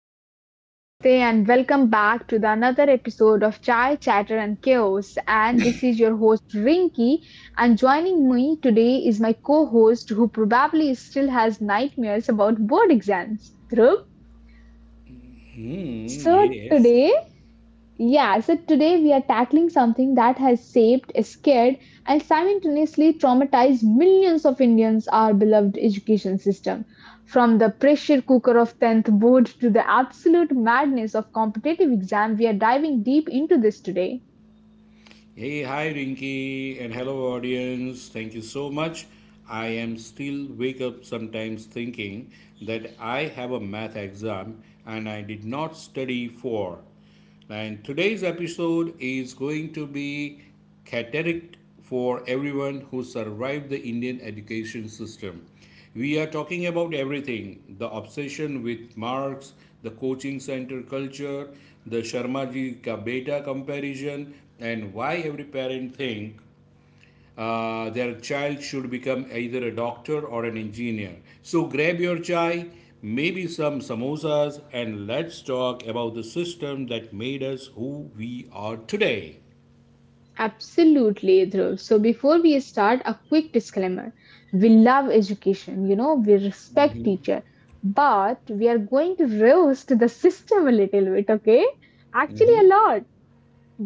Hello, hello, namaste, and welcome back to the another episode of Chai Chatter and Chaos. And this is your host Rinky, and joining me today is my co-host who probably still has nightmares about board exams. Dhruv. So Yes. today yeah, so today we are tackling something that has shaped, scared, and simultaneously traumatized millions of Indians, our beloved education system. From the pressure cooker of 10th board to the absolute madness of competitive exam, we are diving deep into this today. Hey, hi Rinky, and hello audience. Thank you so much. I am still wake up sometimes thinking that I have a math exam and I did not study for. And today's episode is going to be catered for everyone who survived the Indian education system. We are talking about everything the obsession with marks, the coaching center culture, the Sharmaji ka beta comparison, and why every parent think their child should become either a doctor or an engineer. So grab your chai, maybe some samosas, and let's talk about the system that made us who we are today. Absolutely, Dhruv. So before we start, a quick disclaimer. We love education, we respect teacher, but we are going to roast the system a little bit, okay? Actually, Mm-hmm. a lot.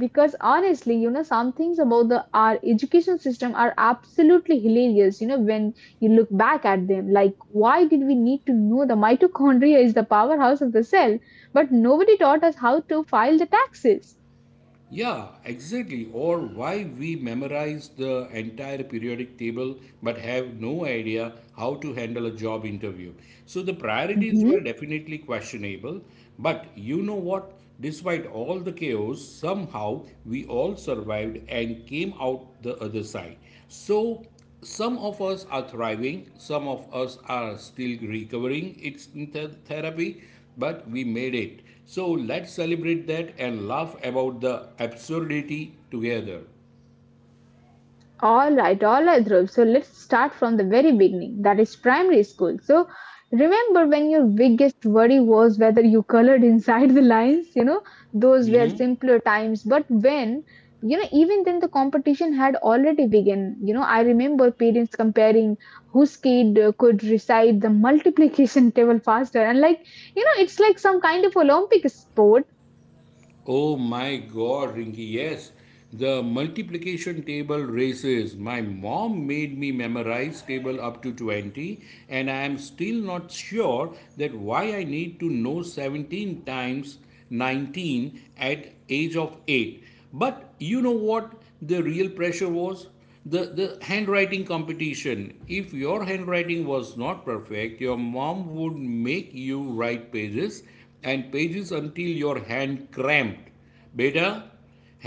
Because honestly, some things about the our education system are absolutely hilarious, when you look back at them, like why did we need to know the mitochondria is the powerhouse of the cell, but nobody taught us how to file the taxes. Yeah, exactly. Or why we memorize the entire periodic table but have no idea how to handle a job interview. So the priorities were definitely questionable. But you know what? Despite all the chaos, somehow we all survived and came out the other side. So some of us are thriving, some of us are still recovering. It's therapy, but we made it. So let's celebrate that and laugh about the absurdity together. All right, Dhruv. So let's start from the very beginning. That is primary school. So remember when your biggest worry was whether you colored inside the lines? You know, those were simpler times. You know, even then the competition had already begun. You know, I remember parents comparing whose kid could recite the multiplication table faster. And like, you know, it's like some kind of Olympic sport. Oh my god, Rinky, yes. The multiplication table races. My mom made me memorize table up to 20, and I am still not sure that why I need to know 17 times 19 at age of 8. But you know what the real pressure was? The handwriting competition. If your handwriting was not perfect, your mom would make you write pages and pages until your hand cramped. Beta,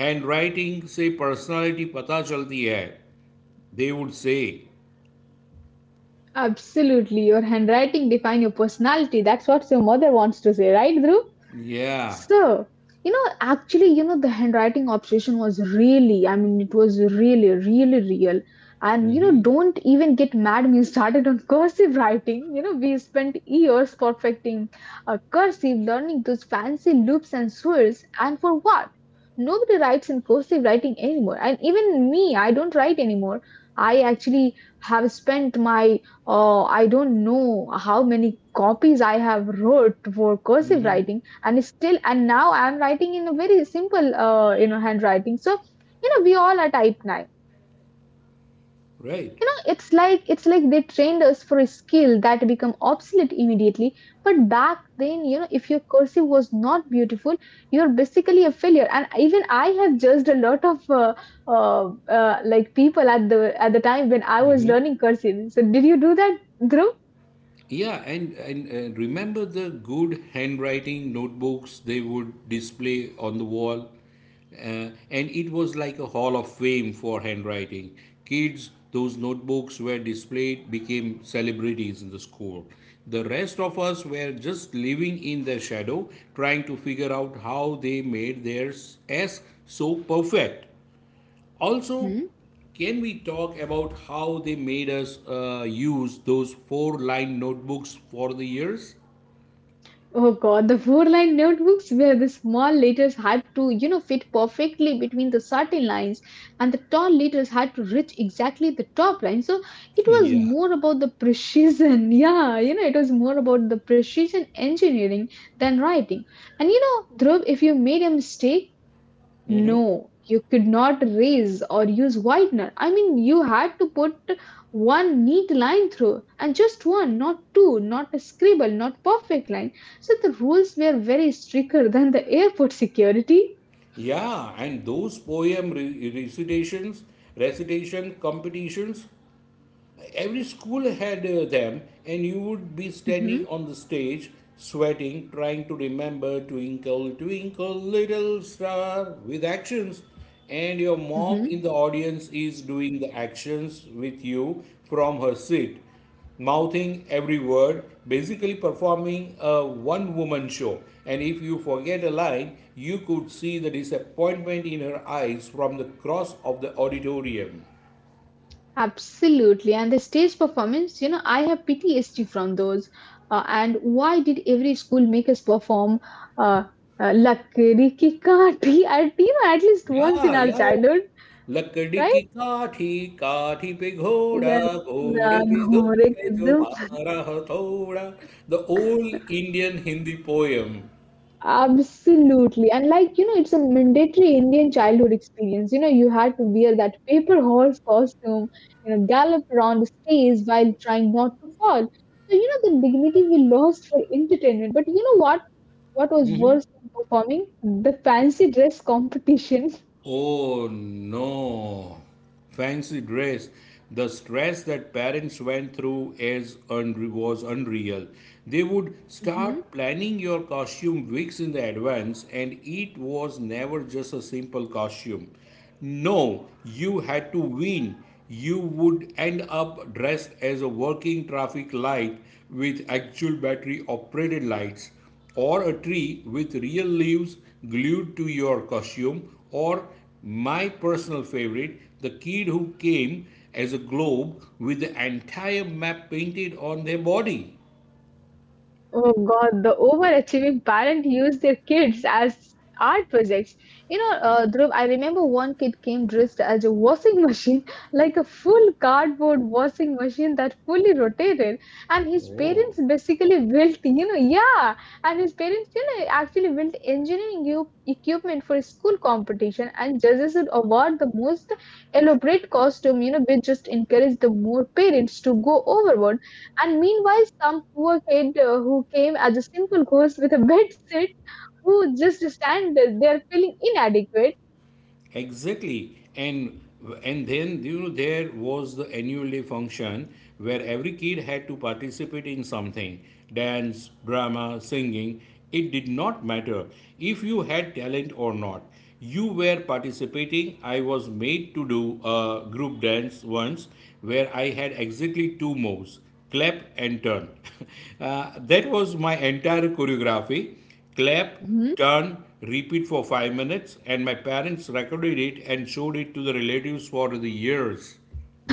handwriting से personality पता चलती है, they would say. Absolutely. Your handwriting define your personality. That's what your mother wants to say, right, Dhruv? Yeah. So, you know, actually, you know, the handwriting obsession was really, I mean, it was really, really real. And, you know, Mm-hmm. don't even get mad me started on cursive writing. You know, we spent years perfecting cursive, learning those fancy loops and swirls. And for what? Nobody writes in cursive writing anymore. And even me, I don't write anymore. I actually have spent my, I don't know how many copies I have wrote for cursive writing. And still, and now I'm writing in a very simple you know, handwriting. So you know, we all are type 9. Right. You know, it's like, they trained us for a skill that become obsolete immediately. But back then, you know, if your cursive was not beautiful, you're basically a failure. And even I have judged a lot of uh, like people at the time when I was Mm-hmm. learning cursive. So did you do that, Dhruv? Yeah, and remember the good handwriting notebooks they would display on the wall. And it was like a hall of fame for handwriting. Kids, those notebooks were displayed, became celebrities in the school. The rest of us were just living in their shadow, trying to figure out how they made theirs as so perfect. Also, can we talk about how they made us use those four line notebooks for the years? Oh God, the four-line notebooks where the small letters had to, you know, fit perfectly between the certain lines, and the tall letters had to reach exactly the top line. So it was Yeah. more about the precision. Yeah, you know, it was more about the precision engineering than writing. And you know, Dhruv, if you made a mistake, no, you could not raise or use whitener. I mean, you had to put one neat line through, and just one, not two, not a scribble, not perfect line. So the rules were very stricter than the airport security. Yeah, and those poem recitations, recitation competitions, every school had them, and you would be standing Hmm. on the stage, sweating, trying to remember Twinkle Twinkle Little Star with actions, and your mom Hmm. in the audience is doing the actions with you from her seat, mouthing every word, basically performing a one woman show. And if you forget a line, you could see the disappointment in her eyes from the cross of the auditorium. Absolutely. And the stage performance, you know, I have PTSD from those. And why did every school make us perform uh, Lakdi Ki Kaati at, you know, at least once in Yeah, our yeah, yeah. childhood, लकड़ी right? की काठी काठी पे घोड़ा Yeah, घोड़े पे दुम Ghorak पे जो Kaddam. मारा हथौड़ा, the old Indian Hindi poem. Absolutely. And like, you know, it's a mandatory Indian childhood experience. You know, you had to wear that paper horse costume, you know, gallop around the stage while trying not to fall. So, you know, the dignity we lost for entertainment. But you know what? What was worse than performing? The fancy dress competition. Oh no. Fancy dress. The stress that parents went through was unreal. They would start planning your costume weeks in the advance, and it was never just a simple costume. No, you had to win. You would end up dressed as a working traffic light with actual battery operated lights, or a tree with real leaves glued to your costume, or my personal favorite, the kid who came as a globe with the entire map painted on their body. Oh God, the overachieving parent used their kids as art projects. You know, Dhruv, I remember one kid came dressed as a washing machine, like a full cardboard washing machine that fully rotated, and his Oh. parents basically built, you know, yeah, and his parents, you know, actually built engineering equipment for a school competition, and judges would award the most elaborate costume, you know, which just encouraged the more parents to go overboard. And meanwhile, some poor kid who came as a simple ghost with a bed sit, who just stand there feeling inadequate. Exactly. And then, you know, there was the annual day function where every kid had to participate in something: dance, drama, singing. It did not matter if you had talent or not, you were participating. I was made to do a group dance once where I had exactly two moves: clap and turn. That was my entire choreography: clap, turn, repeat for 5 minutes, and my parents recorded it and showed it to the relatives for the years.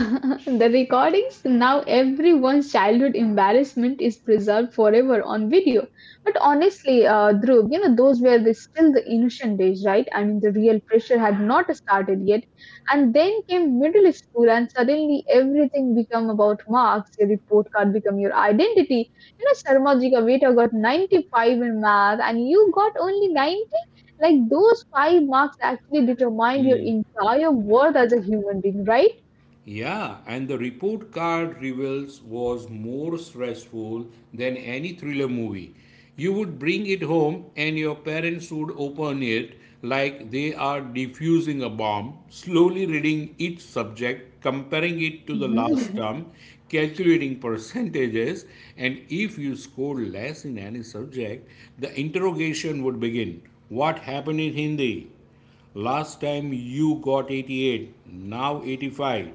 The recordings, now everyone's childhood embarrassment is preserved forever on video. But honestly, Dhruv, you know, those were the, still the innocent days, right? I mean, the real pressure had not started yet. And then came middle school, and suddenly everything became about marks. Your report card became your identity. You know, sarmajika beta got 95 in math and you got only 90. Like those five marks actually determined your entire worth as a human being, right? Yeah, and the report card reveals was more stressful than any thriller movie. You would bring it home and your parents would open it like they are defusing a bomb, slowly reading each subject, comparing it to the last Mhm. term, calculating percentages. And if you scored less in any subject, the interrogation would begin. What happened in Hindi? Last time you got 88, now 85.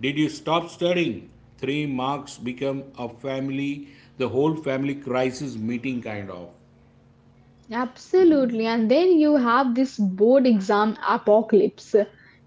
Did you stop studying? Three marks become a family, the whole family crisis meeting kind of. Absolutely. And then you have this board exam apocalypse.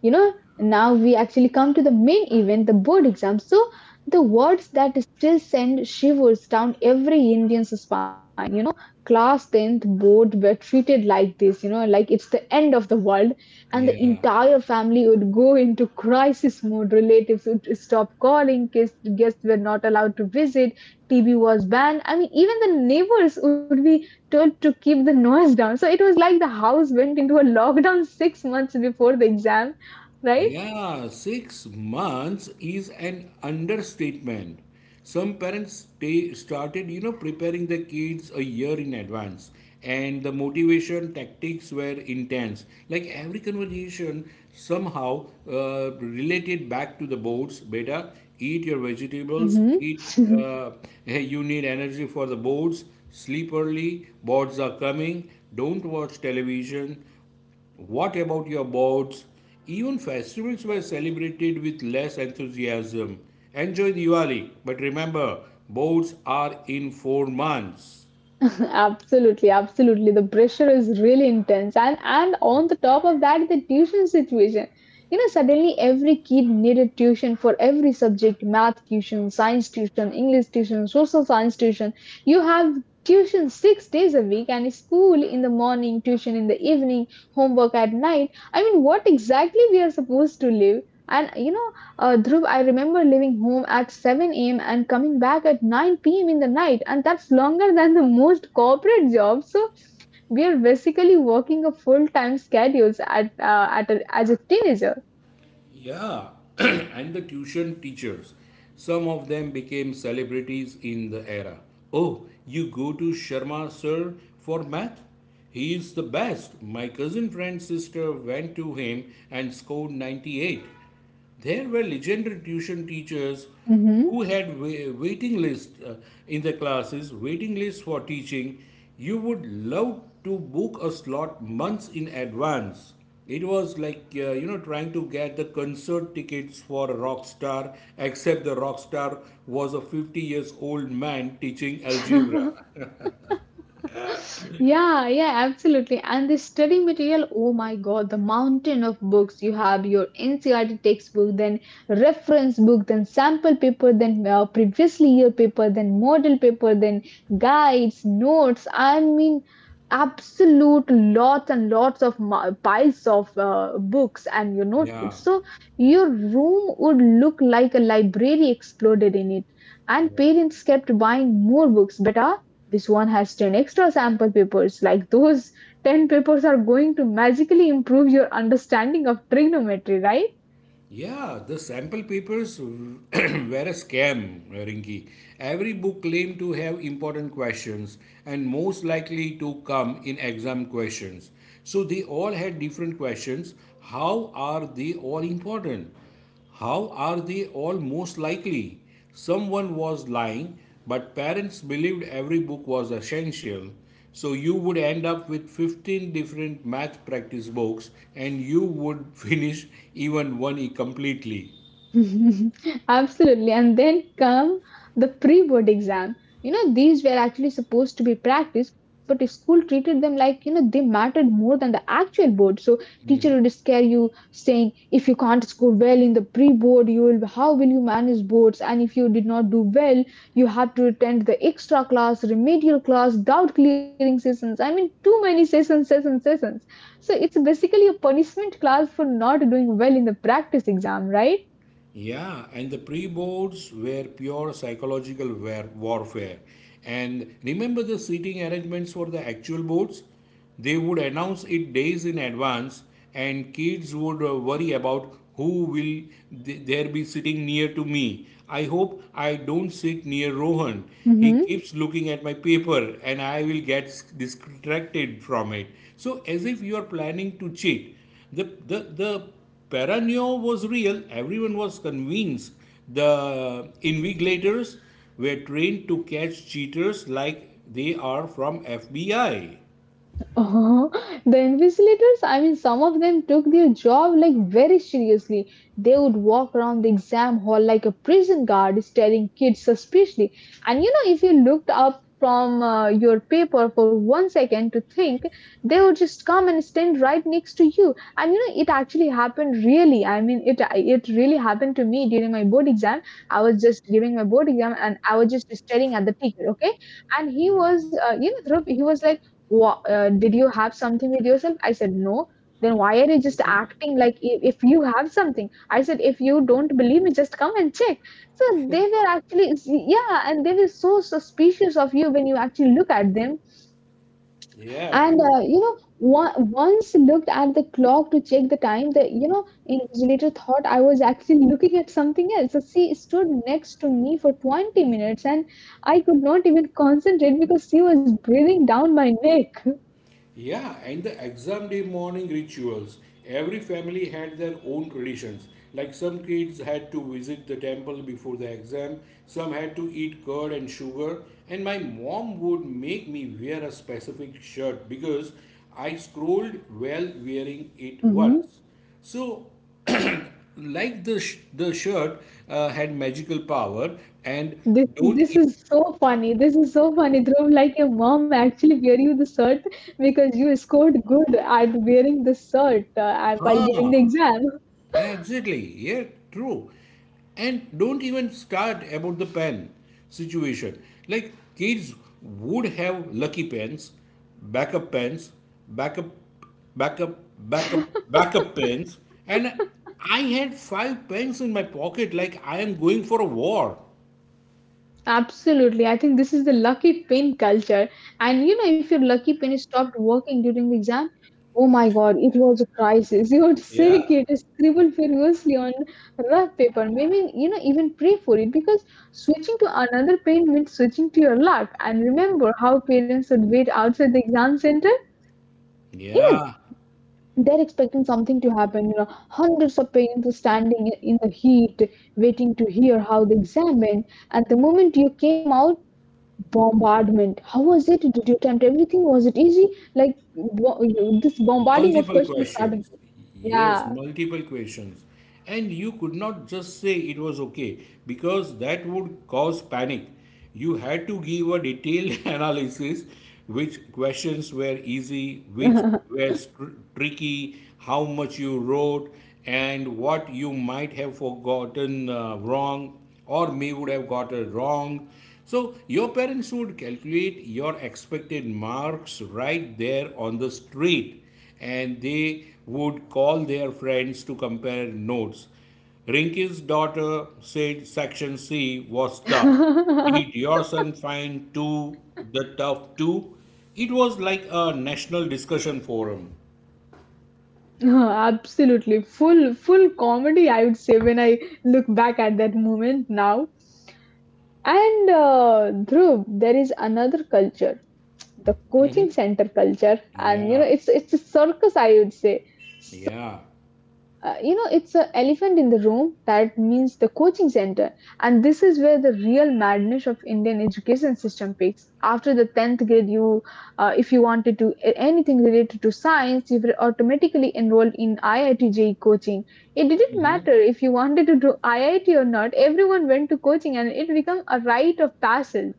You know, now we actually come to the main event, the board exam. So the words that still send shivers down every Indian's spine, you know, class 10th board were treated like this, you know, like it's the end of the world, and the Yeah. entire family would go into crisis mode. Relatives would stop calling, guests were not allowed to visit, TV was banned. I mean, even the neighbors would be told to keep the noise down. So it was like the house went into a lockdown 6 months before the exam, right? Yeah, 6 months is an understatement. Some parents started, preparing their kids a year in advance, and the motivation tactics were intense. Like every conversation, somehow related back to the boards. Beta, eat your vegetables. Mm-hmm. Eat. Hey, you need energy for the boards. Sleep early. Boards are coming. Don't watch television. What about your boats? Even festivals were celebrated with less enthusiasm. Enjoy Diwali, but remember, boards are in 4 months. Absolutely, absolutely. The pressure is really intense, and on the top of that, the tuition situation. You know, suddenly every kid needed tuition for every subject: math tuition, science tuition, English tuition, social science tuition. You have tuition 6 days a week, and school in the morning, tuition in the evening, homework at night. I mean, what exactly we are supposed to live? And you know. Dhruv, I remember leaving home at 7 a.m. and coming back at 9 p.m. in the night, and that's longer than the most corporate jobs. So we are basically working a full-time schedules at as a teenager. Yeah, and the tuition teachers. Some of them became celebrities in the era. Oh, you go to Sharma sir for math? He is the best. My cousin friend's sister went to him and scored 98. There were legendary tuition teachers Mhm. who had waiting lists in the classes, waiting lists for teaching. You would love to book a slot months in advance. It was like trying to get the concert tickets for a rock star, except the rock star was a 50 years old man teaching algebra. Yeah, yeah, absolutely. And the study material, oh my God, the mountain of books. You have your NCRT textbook, then reference book, then sample paper, then previously year paper, then model paper, then guides, notes. I mean, absolute lots and lots of piles of books and your Yeah. notebooks. So your room would look like a library exploded in it. And parents kept buying more books, but this one has 10 extra sample papers. Like those 10 papers are going to magically improve your understanding of trigonometry, right? Yeah, the sample papers were a scam, Rinki. Every book claimed to have important questions and most likely to come in exam questions. So they all had different questions. How are they all important? How are they all most likely? Someone was lying, but parents believed every book was essential. So you would end up with 15 different math practice books and you would finish even one completely. Absolutely. And then come the pre board exam. You know, these were actually supposed to be practiced, but school treated them like, you know, they mattered more than the actual board. So teacher would scare you saying, if you can't score well in the pre board, you will how will you manage boards? And if you did not do well, you had to attend the extra class, remedial class, doubt clearing sessions. I mean, too many sessions, sessions, sessions. So it's basically a punishment class for not doing well in the practice exam, right? Yeah, and the pre boards were pure psychological warfare. And remember the seating arrangements for the actual boards? They would announce it days in advance, and kids would worry about who will there be sitting near to me. I hope I don't sit near Rohan. He Mhm. keeps looking at my paper, and I will get distracted from it. So, as if you are planning to cheat. The paranoia was real. Everyone was convinced the invigilators were trained to catch cheaters like they are from FBI. Oh, the invigilators, I mean, some of them took their job like very seriously. They would walk around the exam hall like a prison guard, staring kids suspiciously. And you know, if you looked up from your paper for one second to think, they would just come and stand right next to you. And you know, it actually happened really. I mean, it really happened to me during my board exam. I was just giving my board exam, and I was just staring at the teacher. Okay, and he was, you know, Dhruv, he was like, Wha did you have something with yourself? I said, no. Then why are you just acting like if you have something? I said, if you don't believe me, just come and check. So they were actually, yeah, and they were so suspicious of you when you actually look at them. Yeah, And, true. You know, once looked at the clock to check the time, the, you know, invigilator thought I was actually looking at something else. So she stood next to me for 20 minutes, and I could not even concentrate because she was breathing down my neck. Yeah, and the exam day morning rituals. Every family had their own traditions. Like, some kids had to visit the temple before the exam, some had to eat curd and sugar, and my mom would make me wear a specific shirt because I scrolled while wearing it once. So, like the shirt had magical power, and This is don't. this E- is so funny. This is so funny, Dhruv. Like your mom actually wear you the shirt because you scored good at wearing the shirt and while giving Huh. the exam. Exactly. Yeah, true. And don't even start about the pen situation. Like, kids would have lucky pens, backup, backup, backup, backup pens, and I had five pens in my pocket. Like I am going for a war. Absolutely. I think this is the lucky pin culture. And you know, if your lucky pin stopped working during the exam, oh my God, it was a crisis. You would Yeah. shake it, scribble furiously on rough paper, maybe, you know, even pray for it because switching to another pin means switching to your luck. And remember how parents would wait outside the exam center? you know Yeah. they're expecting something to happen, you know. Hundreds of parents are standing in the heat, waiting to hear how the exam went. And the moment you came out, bombardment. How was it? Did you attempt everything? Was it easy? Like, this bombarding of Multiple questions started. questions. Yes, multiple questions. And you could not just say it was okay because that would cause panic. You had to give a detailed analysis: which questions were easy, which Yeah. were tricky, how much you wrote, and what you might have forgotten wrong or may would have gotten wrong. So your parents would calculate your expected marks right there on the street, and they would call their friends to compare notes. Rinky's daughter said section C was tough. Did your son find too the tough too? It was like a national discussion forum. Absolutely full comedy, I would say, when I look back at that moment now. And Dhruv, there is another culture, the coaching center culture. And you know, Yeah, it's a circus, I would say. yeah. You know, it's an elephant in the room. That means the coaching center. And this is where the real madness of Indian education system peaks after the 10th grade. You if you wanted to anything related to science, you were automatically enrolled in IIT coaching. It didn't matter if you wanted to do IIT or not. Everyone went to coaching, and it became a rite of passage,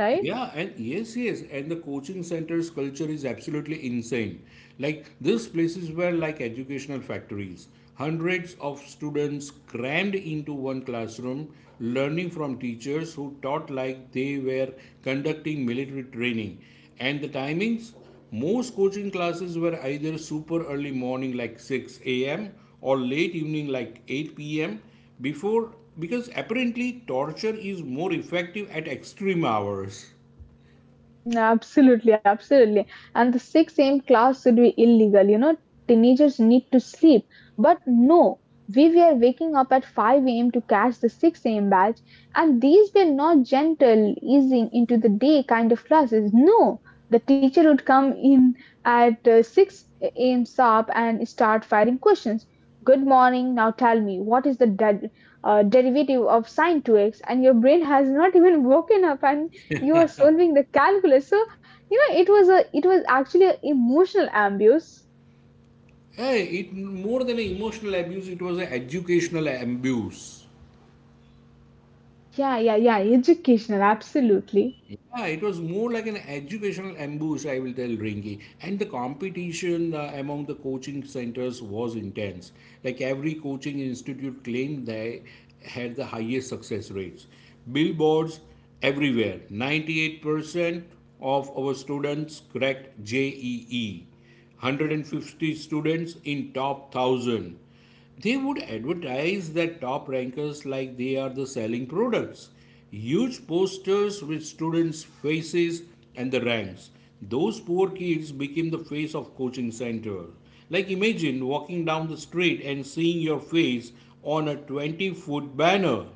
right? Yeah, and yes, yes, and the coaching centers culture is absolutely insane. Like, these places were like educational factories. Hundreds of students crammed into one classroom, learning from teachers who taught like they were conducting military training. And the timings, most coaching classes were either super early morning like 6 a.m. or late evening like 8 p.m before, because apparently torture is more effective at extreme hours. Mm. Absolutely, absolutely. And the six a.m. class should be illegal. You know, teenagers need to sleep. But no, we were waking up at 5 a.m. to catch the 6 a.m. batch, and these were not gentle, easing into the day kind of classes. No, the teacher would come in at 6 a.m. sharp and start firing questions. Good morning. Now tell me, what is the derivative of sine 2x? And your brain has not even woken up, and you are solving the calculus. So you know, it was a, it was actually an emotional abuse. Hey, it more than an emotional abuse, it was an educational abuse. Yeah, yeah, yeah, educational, absolutely. Yeah, it was more like an educational ambush, I will tell Ringy. And the competition among the coaching centers was intense. Like every coaching institute claimed they had the highest success rates. Billboards everywhere. 98% of our students cracked JEE. 150 students in top 1000. They would advertise that top rankers like they are the selling products. Huge posters with students' faces and the ranks. Those poor kids became the face of coaching center. Like, imagine walking down the street and seeing your face on a 20-foot banner.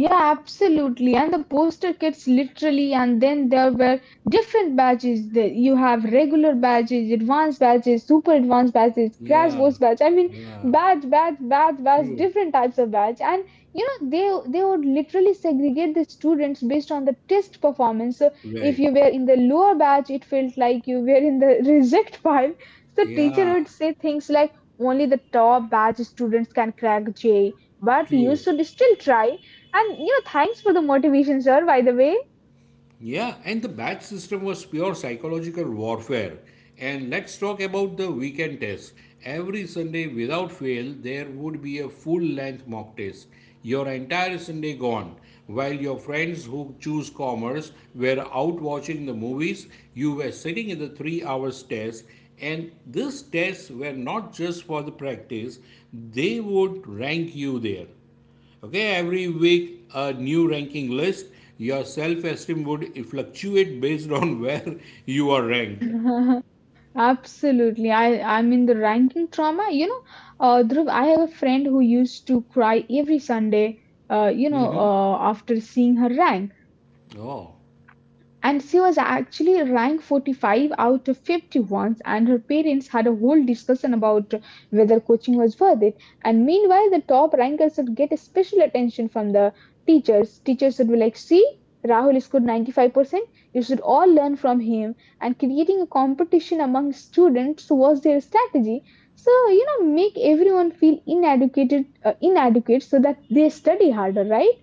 Yeah, absolutely. And the poster kits literally. And then there were different badges. You have regular badges, advanced badges, super advanced badges, crash Yeah, course badge. I mean, yeah, badge, badge, badge, badge, true, different types of badge. And you know, they would literally segregate the students based on the test performance. So if right. you were in the lower batch, it felt like you were in the reject pile. So teacher Yeah, would say things like, only the top batch students can crack J, but you true. should still try. And you know, thanks for the motivation, sir, by the way. Yeah, and the batch system was pure psychological warfare. And let's talk about the weekend test. Every Sunday, without fail, there would be a full length mock test. Your entire Sunday gone. While your friends who choose commerce were out watching the movies, you were sitting in the 3 hours test. And these tests were not just for the practice, they would rank you there. Okay, every week a new ranking list. Your self esteem would fluctuate based on where you are ranked. Absolutely. I'm in the ranking trauma. You know, Dhruv, I have a friend who used to cry every Sunday, Hmm. After seeing her rank. Oh. And she was actually ranked 45 out of 50 once, and her parents had a whole discussion about whether coaching was worth it. And meanwhile, the top rankers would get a special attention from the teachers. Teachers would be like, see, Rahul scored 95%, you should all learn from him. And creating a competition among students was their strategy. So you know, make everyone feel inadequate, inadequate so that they study harder, right?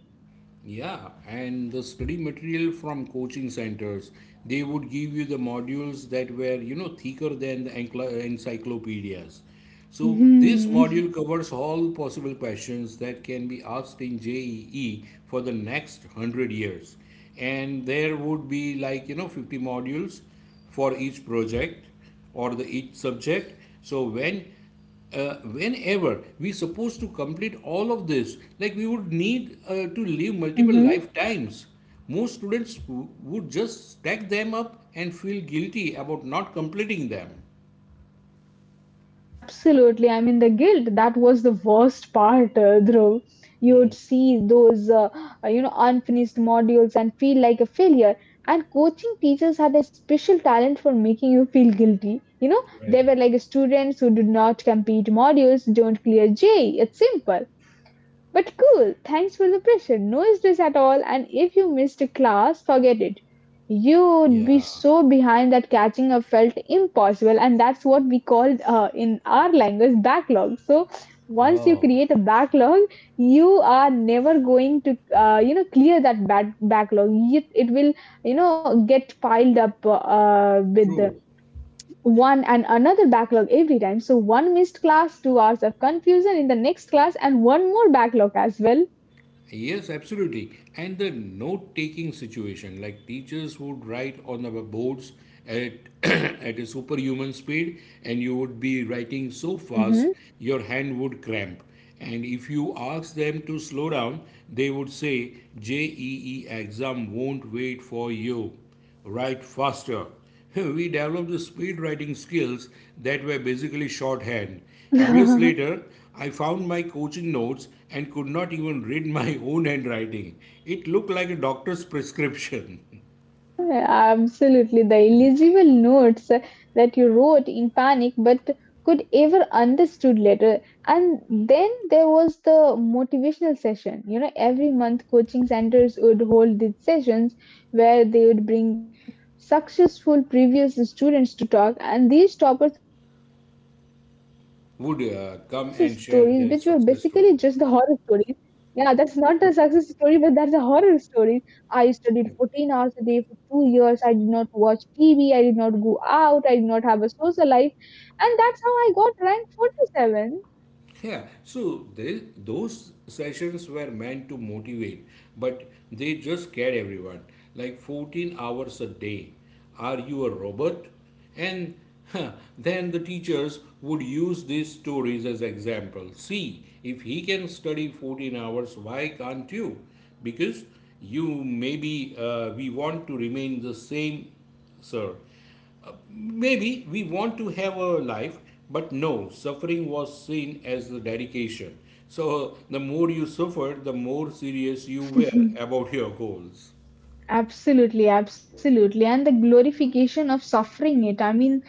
Yeah, and the study material from coaching centers, they would give you the modules that were, thicker than the encyclopedias. So this module covers all possible questions that can be asked in JEE for the next 100 years. And there would be like, 50 modules for each project or the each subject. So whenever we supposed to complete all of this, like, we would need to live multiple Hmm. lifetimes. Most students would just stack them up and feel guilty about not completing them. Absolutely. I mean, the guilt, that was the worst part, Dhruv. You would see those, unfinished modules and feel like a failure. And coaching teachers had a special talent for making you feel guilty. You know, they Right. were like, students who did not complete modules, don't clear J. It's simple. But cool, thanks for the pressure. No stress at all. And if you missed a class, forget it. You would be Yeah. so behind that catching up felt impossible. And that's what we called in our language backlog. So once you Oh, create a backlog, you are never going to, clear that bad backlog. It will, you know, get piled up with the true. one and another backlog every time. So one missed class, 2 hours of confusion in the next class, and one more backlog as well. Yes, absolutely. And the note taking situation, like, teachers would write on our boards at, at a superhuman speed, and you would be writing so fast Mhm. your hand would cramp. And if you ask them to slow down, they would say, JEE exam won't wait for you, write faster. We developed the speed writing skills that were basically shorthand. Years later, I found my coaching notes and could not even read my own handwriting. It looked like a doctor's prescription. Absolutely. The illegible notes that you wrote in panic but could ever understood later. And then there was the motivational session. You know, every month coaching centers would hold these sessions where they would bring successful previous students to talk, and these toppers would come and share their success Would stories, which were come and share basically just their the success horror story. stories. Yeah, that's not a success story, but that's a horror story. I studied 14 hours a day for 2 years. I did not watch TV. I did not go out. I did not have a social life. And that's how I got ranked 47. Yeah, so those sessions were meant to motivate, but they just scared everyone. Like, 14 hours a day. Are you a robot? And huh, then the teachers would use these stories as examples. See, if he can study 14 hours, why can't you? Because you maybe we want to remain the same, sir. Maybe we want to have a life, but no, suffering was seen as the dedication. So the more you suffered, the more serious you were about your goals. Absolutely, absolutely. And the glorification of suffering it. I mean,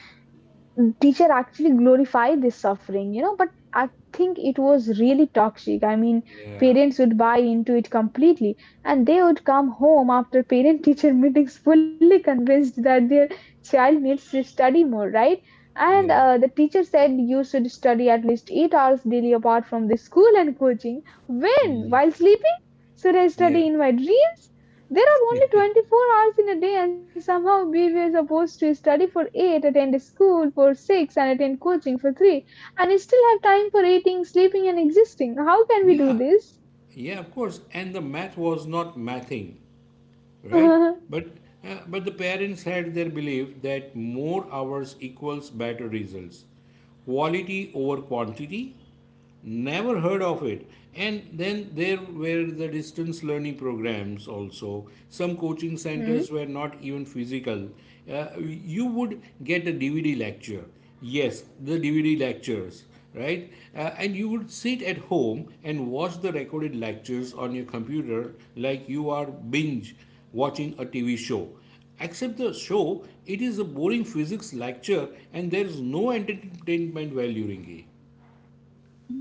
teacher actually glorified this suffering, you know, but I think it was really toxic. I mean, Yeah, parents would buy into it completely, and they would come home after parent teacher meetings fully convinced that their child needs to study more, right? And yeah, the teacher said, you should study at least 8 hours daily apart from the school and coaching. When? While sleeping? Should I yeah, study in my dreams? There are only 24 hours in a day, and somehow we were supposed to study for 8, attend school for 6, and attend coaching for 3, and still have time for eating, sleeping, and existing. How can we do yeah, this? yeah, of course. And the math was not mathing, right? But but the parents had their belief that more hours equals better results. Quality over quantity. Never heard of it. And then there were the distance learning programs also. Some coaching Mhm. centers were not even physical. You would get a DVD lecture. Yes, the DVD lectures, right? And you would sit at home and watch the recorded lectures on your computer like you are binge watching a TV show. Except the show, it is a boring physics lecture and there is no entertainment value, Ringy. Mhm.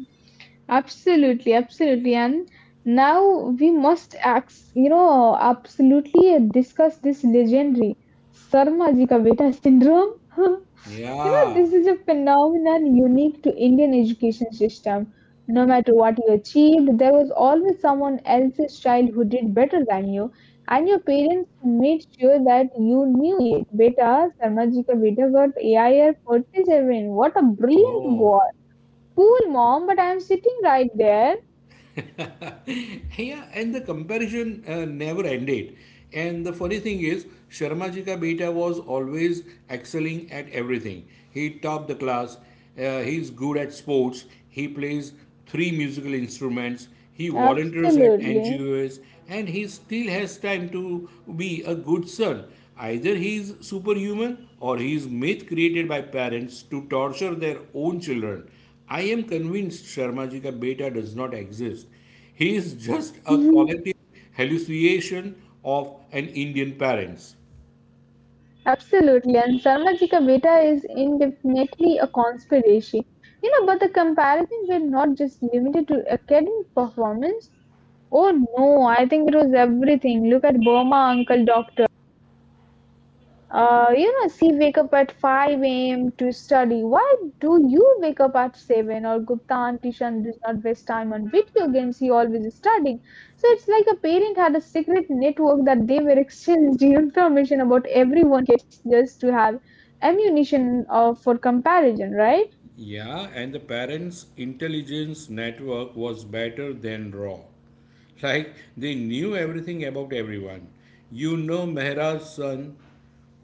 Absolutely, absolutely. And now we must, absolutely discuss this legendary Sarma ji ka beta syndrome. You know, Yeah. this is a phenomenon unique to Indian education system. No matter what you achieved, there was always someone else's child who did better than you, and your parents made sure that you knew it. Beta, Sarmaji ka Beta got AIR 47. What a brilliant Oh. boy. Cool, mom, but I'm sitting right there. Yeah, and the comparison never ended. And the funny thing is, Sharma ji ka beta was always excelling at everything. He topped the class. He's good at sports. He plays three musical instruments. He volunteers at Absolutely. NGOs, and he still has time to be a good son. Either he is superhuman or he is myth created by parents to torture their own children. I am convinced Sharma ji ka beta does not exist. He is just a collective hallucination of an Indian parents. Absolutely, and Sarmajica Beta is indefinitely a conspiracy. You know, but the comparisons were not just limited to academic performance. Oh no, I think it was everything. Look at Burma Uncle Doctor. You know, she wake up at 5 a.m. to study. Why do you wake up at 7? Or Gupta and Tishan does not waste time on video games. He always is studying. So it's like a parent had a secret network that they were exchanged information about everyone kids just to have ammunition for comparison, right? Yeah, and the parents' intelligence network was better than raw. Like, they knew everything about everyone. You know Mehraj's son,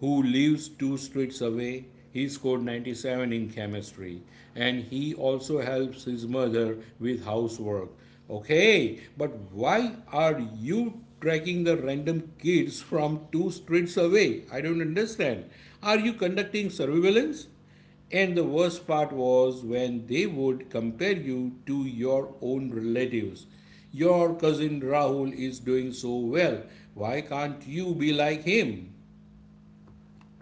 who lives two streets away, he scored 97 in chemistry and he also helps his mother with housework. Okay, but why are you tracking the random kids from two streets away? I don't understand. Are you conducting surveillance? And the worst part was when they would compare you to your own relatives. Your cousin Rahul is doing so well. Why can't you be like him?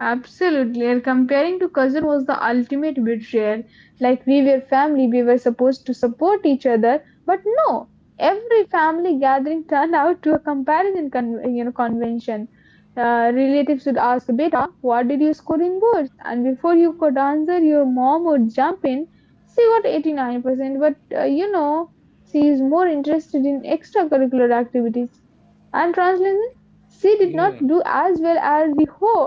Absolutely, and comparing to cousin was the ultimate betrayal. Like we were family, we were supposed to support each other, but no. Every family gathering turned out to a comparison, convention. Relatives would ask, "Beta, what did you score in boards?" And before you could answer, your mom would jump in. She got 89%, but she is more interested in extracurricular activities. And translation, she did not Yeah, do as well as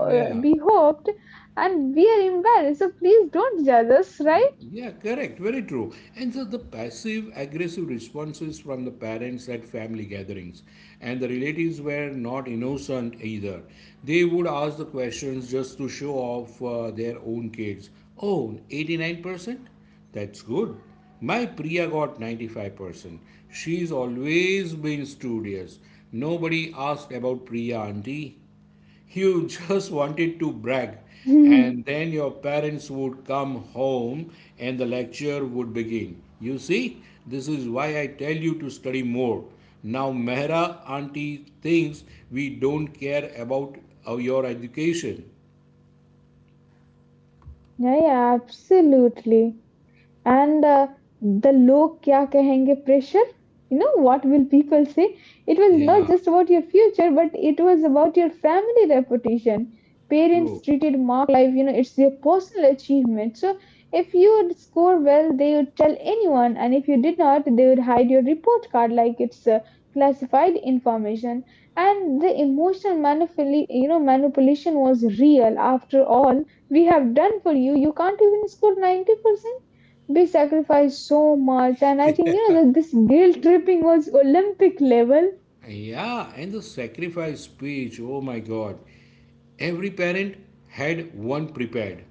yeah. be hoped, and we are embarrassed. So please don't judge us, right? Yeah, correct. Very true. And so the passive aggressive responses from the parents at family gatherings, and the relatives were not innocent either. They would ask the questions just to show off their own kids. Oh, 89%. That's good. My Priya got 95%. She's always been studious. Nobody asked about Priya auntie. You just wanted to brag, Yeah, and then your parents would come home and the lecture would begin. You see, this is why I tell you to study more. Now, Mehra auntie thinks we don't care about your education. yeah, absolutely. And the log kya kahenge pressure? You know, what will people say? It was not Yeah, just about your future, but it was about your family reputation. Parents true. treated mark life, you know, it's their personal achievement. So if you would score well, they would tell anyone, and if you did not, they would hide your report card like it's classified information. And the emotional manipulation was real. After all we have done for you, you can't even score 90%. We sacrificed so much. And I think you know that this guilt tripping was Olympic level. Yeah, and the sacrifice speech, oh my god. Every parent had one prepared.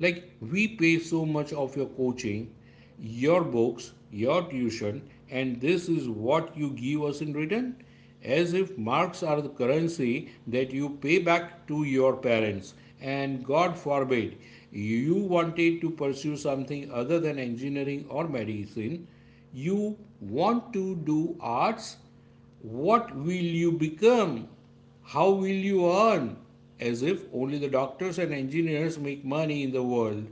Like, we pay so much of your coaching, your books, your tuition, and this is what you give us in return? As if marks are the currency that you pay back to your parents. And God forbid, you wanted to pursue something other than engineering or medicine, you want to do arts, what will you become? How will you earn? As if only the doctors and engineers make money in the world.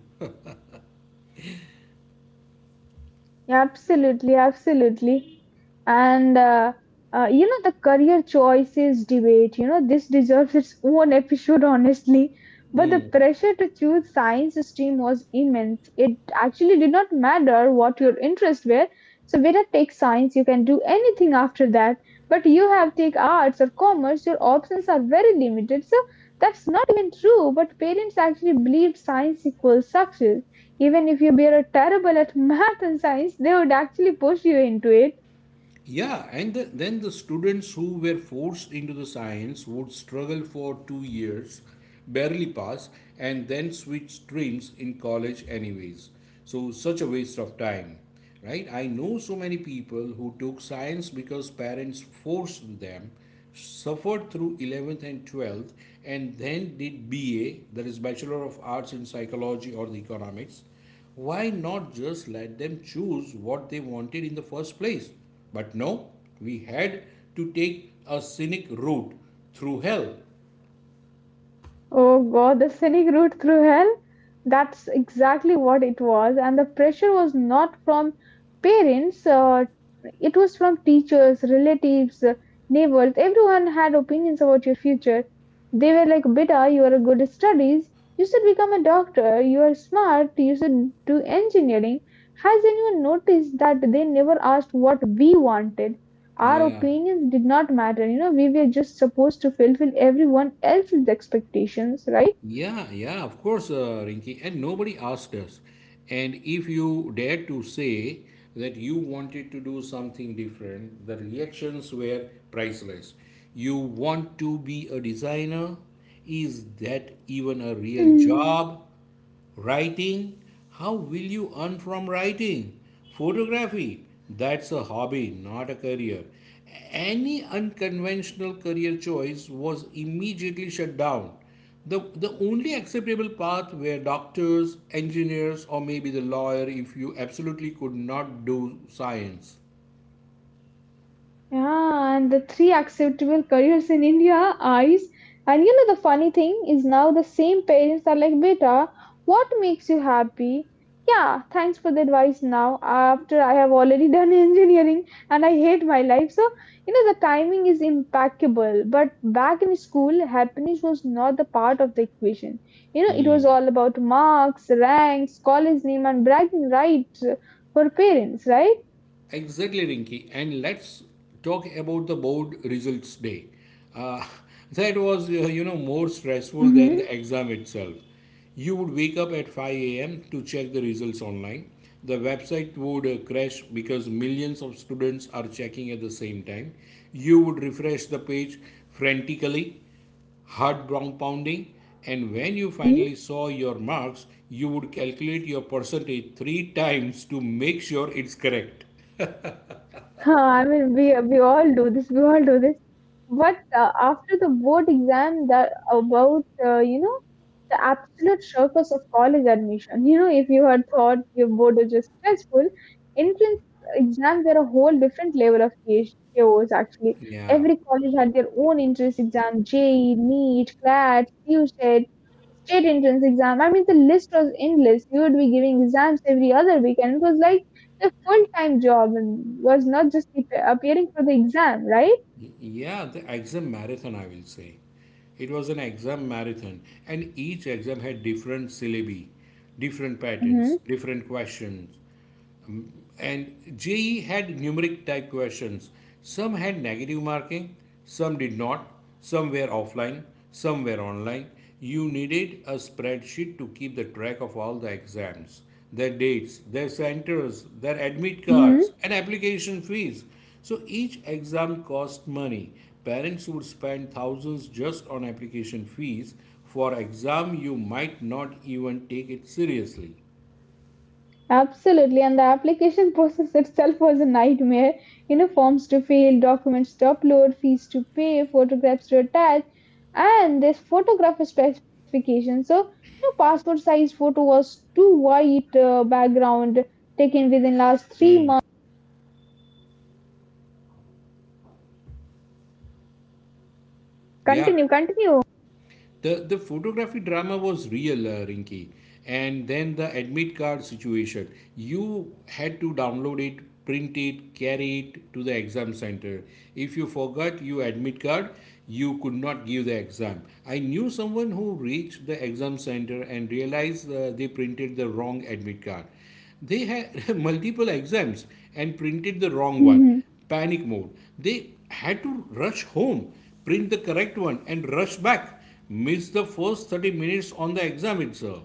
Yeah, absolutely, absolutely. And the career choices debate, you know, this deserves its own episode, honestly. But the Hmm. pressure to choose science stream was immense. It actually did not matter what your interests were. So whether take science, you can do anything after that. But you have take arts or commerce, your options are very limited. So that's not even true, but parents actually believed science equals success. Even if you were terrible at math and science, they would actually push you into it. Yeah, and then the students who were forced into the science would struggle for 2 years, barely pass, and then switch streams in college, anyways. So, such a waste of time, right? I know so many people who took science because parents forced them, suffered through 11th and 12th, and then did BA, that is Bachelor of Arts in Psychology or the Economics, why not just let them choose what they wanted in the first place? But no, we had to take a scenic route through hell. Oh God, the scenic route through hell? That's exactly what it was. And the pressure was not from parents, it was from teachers, relatives, neighbors. Everyone had opinions about your future. They were like, Beta, you are good at studies. You should become a doctor. You are smart. You should do engineering. Has anyone noticed that they never asked what we wanted? Our Yeah, opinions did not matter, you know, we were just supposed to fulfill everyone else's expectations, right? yeah, of course, Rinki. And nobody asked us. And if you dared to say that you wanted to do something different, the reactions were priceless. You want to be a designer? Is that even a real job? Writing? How will you earn from writing? Photography? That's a hobby, not a career. Any unconventional career choice was immediately shut down. The only acceptable path were doctors, engineers, or maybe the lawyer if you absolutely could not do science. Yeah, and the three acceptable careers in India, eyes. And you know the funny thing is now the same parents are like, beta, what makes you happy? Yeah, thanks for the advice now. After I have already done engineering, and I hate my life. So, you know, the timing is impeccable. But back in school, happiness was not the part of the equation. You know, it was all about marks, ranks, college name, and bragging rights for parents, right? Exactly, Rinki. And let's talk about the board results day. Uh, that was, more stressful than Mm-hmm. the exam itself. You would wake up at 5 a.m. to check the results online. The website would crash because millions of students are checking at the same time. You would refresh the page frantically, heart brown pounding, and when you finally saw your marks, you would calculate your percentage three times to make sure it's correct. Huh? I mean, we all do this. We all do this. But after the board exam, that about the absolute circus of college admission. You know, if you had thought your board was just stressful, entrance exams were a whole different level of chaos. Chaos. Actually, Yeah, every college had their own entrance exam: JEE, NEET, CLAT, QSET, state entrance exam. I mean, the list was endless. You would be giving exams every other week, and it was like a full time job and was not just appearing for the exam, right? yeah, the exam marathon, I will say. It was an exam marathon, and each exam had different syllabi, different Mm-hmm. patterns, different questions. And JE had numeric type questions. Some had negative marking, some did not, some were offline, some were online. You needed a spreadsheet to keep the track of all the exams, their dates, their centers, their admit Mm-hmm. cards, and application fees. So each exam cost money. Parents would spend thousands just on application fees for exam you might not even take it seriously. Absolutely. And the application process itself was a nightmare. You know, forms to fill, documents to upload, fees to pay, photographs to attach, and this photographer specification. So, you know, passport size photo was too white, background taken within last 3 months. Yeah. Continue, continue. The photography drama was real, Rinky. And then the admit card situation. You had to download it, print it, carry it to the exam center. If you forgot your admit card, you could not give the exam. I knew someone who reached the exam center and realized they printed the wrong admit card. They had multiple exams and printed the wrong one. Mm-hmm. Panic mode. They had to rush home, print the correct one, and rush back. Miss the first 30 minutes on the exam itself.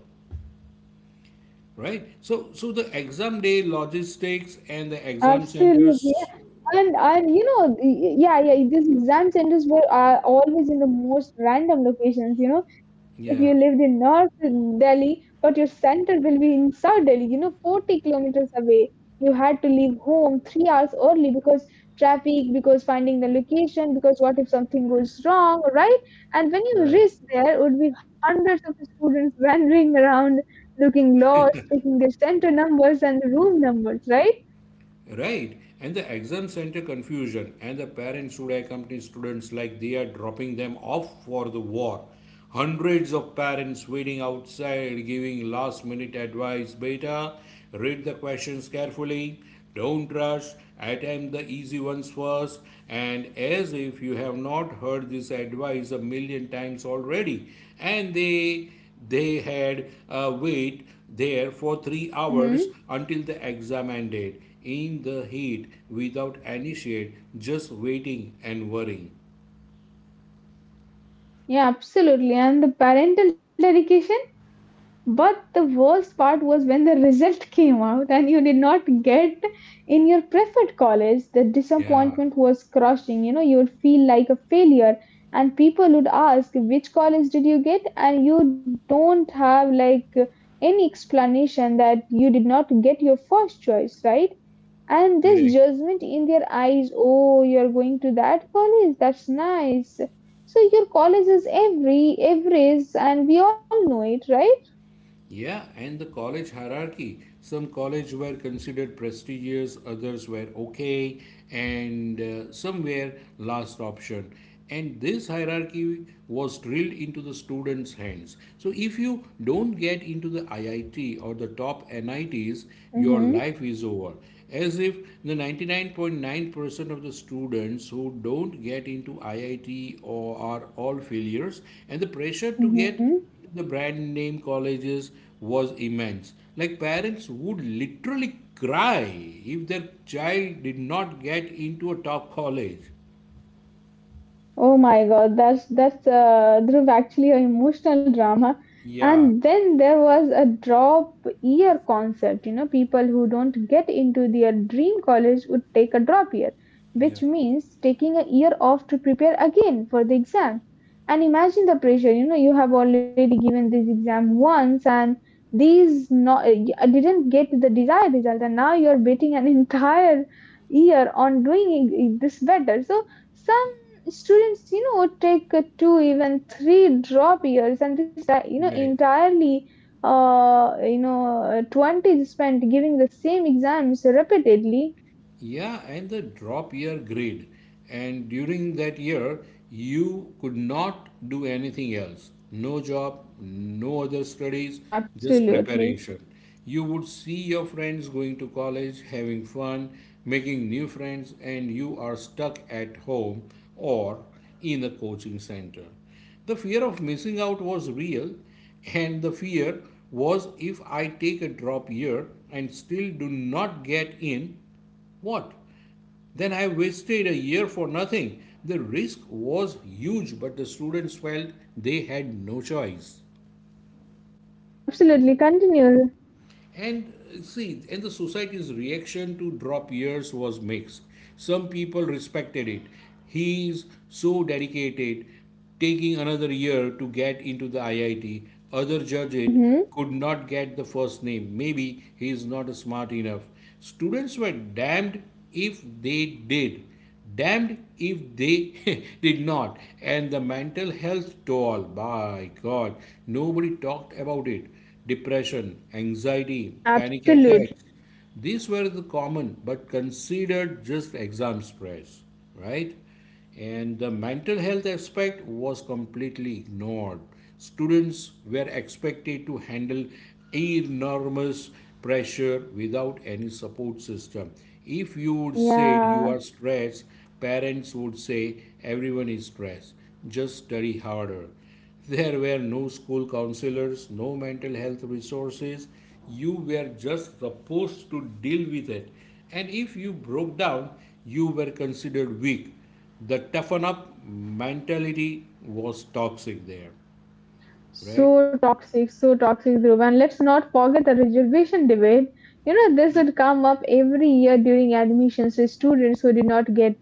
Right? So the exam day logistics and the exam Absolutely. centers. And you know, yeah, yeah, these exam centers were are always in the most random locations. You know, if you lived Yeah, in North Delhi, but your center will be in South Delhi, you know, 40 kilometers away. You had to leave home 3 hours early because traffic, because finding the location, because what if something goes wrong, right? And when you right. reach there, would be hundreds of students wandering around, looking lost, taking their center numbers and the room numbers, right? Right, and the exam center confusion, and the parents should accompany students like they are dropping them off for the war. Hundreds of parents waiting outside giving last minute advice. Beta, read the questions carefully, don't rush, attempt the easy ones first. And as if you have not heard this advice a million times already, and they had wait there for 3 hours Mm-hmm. until the exam ended, in the heat, without any shade, just waiting and worrying. Yeah, absolutely. And the parental dedication. But the worst part was when the result came out and you did not get in your preferred college. The Yeah, disappointment was crushing. You know, you would feel like a failure, and people would ask, which college did you get? And you don't have like any explanation that you did not get your first choice, right? And this correct. judgment in their eyes, oh, you're going to that college, that's nice. So your college is every, average, and we all know it, right? Yeah, and the college hierarchy. Some colleges were considered prestigious, others were okay, and some were last option. And this hierarchy was drilled into the students' hands. So if you don't get into the IIT or the top NITs, your Mm-hmm. life is over. As if the 99.9% of the students who don't get into IIT or are all failures, and the pressure to get Mm-hmm. the brand name colleges was immense. Like, parents would literally cry if their child did not get into a top college. Oh my God, that's Dhruv, actually an emotional drama. Yeah, And then there was a drop year concept. You know, people who don't get into their dream college would take a drop year, yeah, which means taking a year off to prepare again for the exam. And imagine the pressure. You know, you have already given this exam once, and these not I didn't get the desired result, and now you're betting an entire year on doing this better. So some students you know take two even three drop years, and this you know right. entirely 20 spent giving the same exams repeatedly. Yeah, and the drop year grade. And during that year, you could not do anything else. No job, no other studies, just Absolutely, preparation. You would see your friends going to college, having fun, making new friends, and you are stuck at home or in a coaching center. The fear of missing out was real, and the fear was, if I take a drop year and still do not get in, what? Then I wasted a year for nothing. The risk was huge, but the students felt they had no choice. absolutely. Continue. And see, and the society's reaction to drop years was mixed. Some people respected it. He is so dedicated, taking another year to get into the IIT. Other judge it Mm-hmm. could not get the first name. Maybe he is not smart enough. Students were damned if they did, damned if they did not. And the mental health toll, by god, nobody talked about it. Depression, anxiety, panic Absolutely. attacks, these were the common but considered just exam stress, right? And the mental health aspect was completely ignored. Students were expected to handle enormous pressure without any support system. If you would say Yeah. you are stressed, parents would say everyone is stressed, just study harder. There were no school counselors, no mental health resources. You were just supposed to deal with it. And if you broke down, you were considered weak. The toughen up mentality was toxic there, right? So toxic, Dhruv. And let's not forget the reservation debate. You know, this would come up every year during admissions. The students who did not get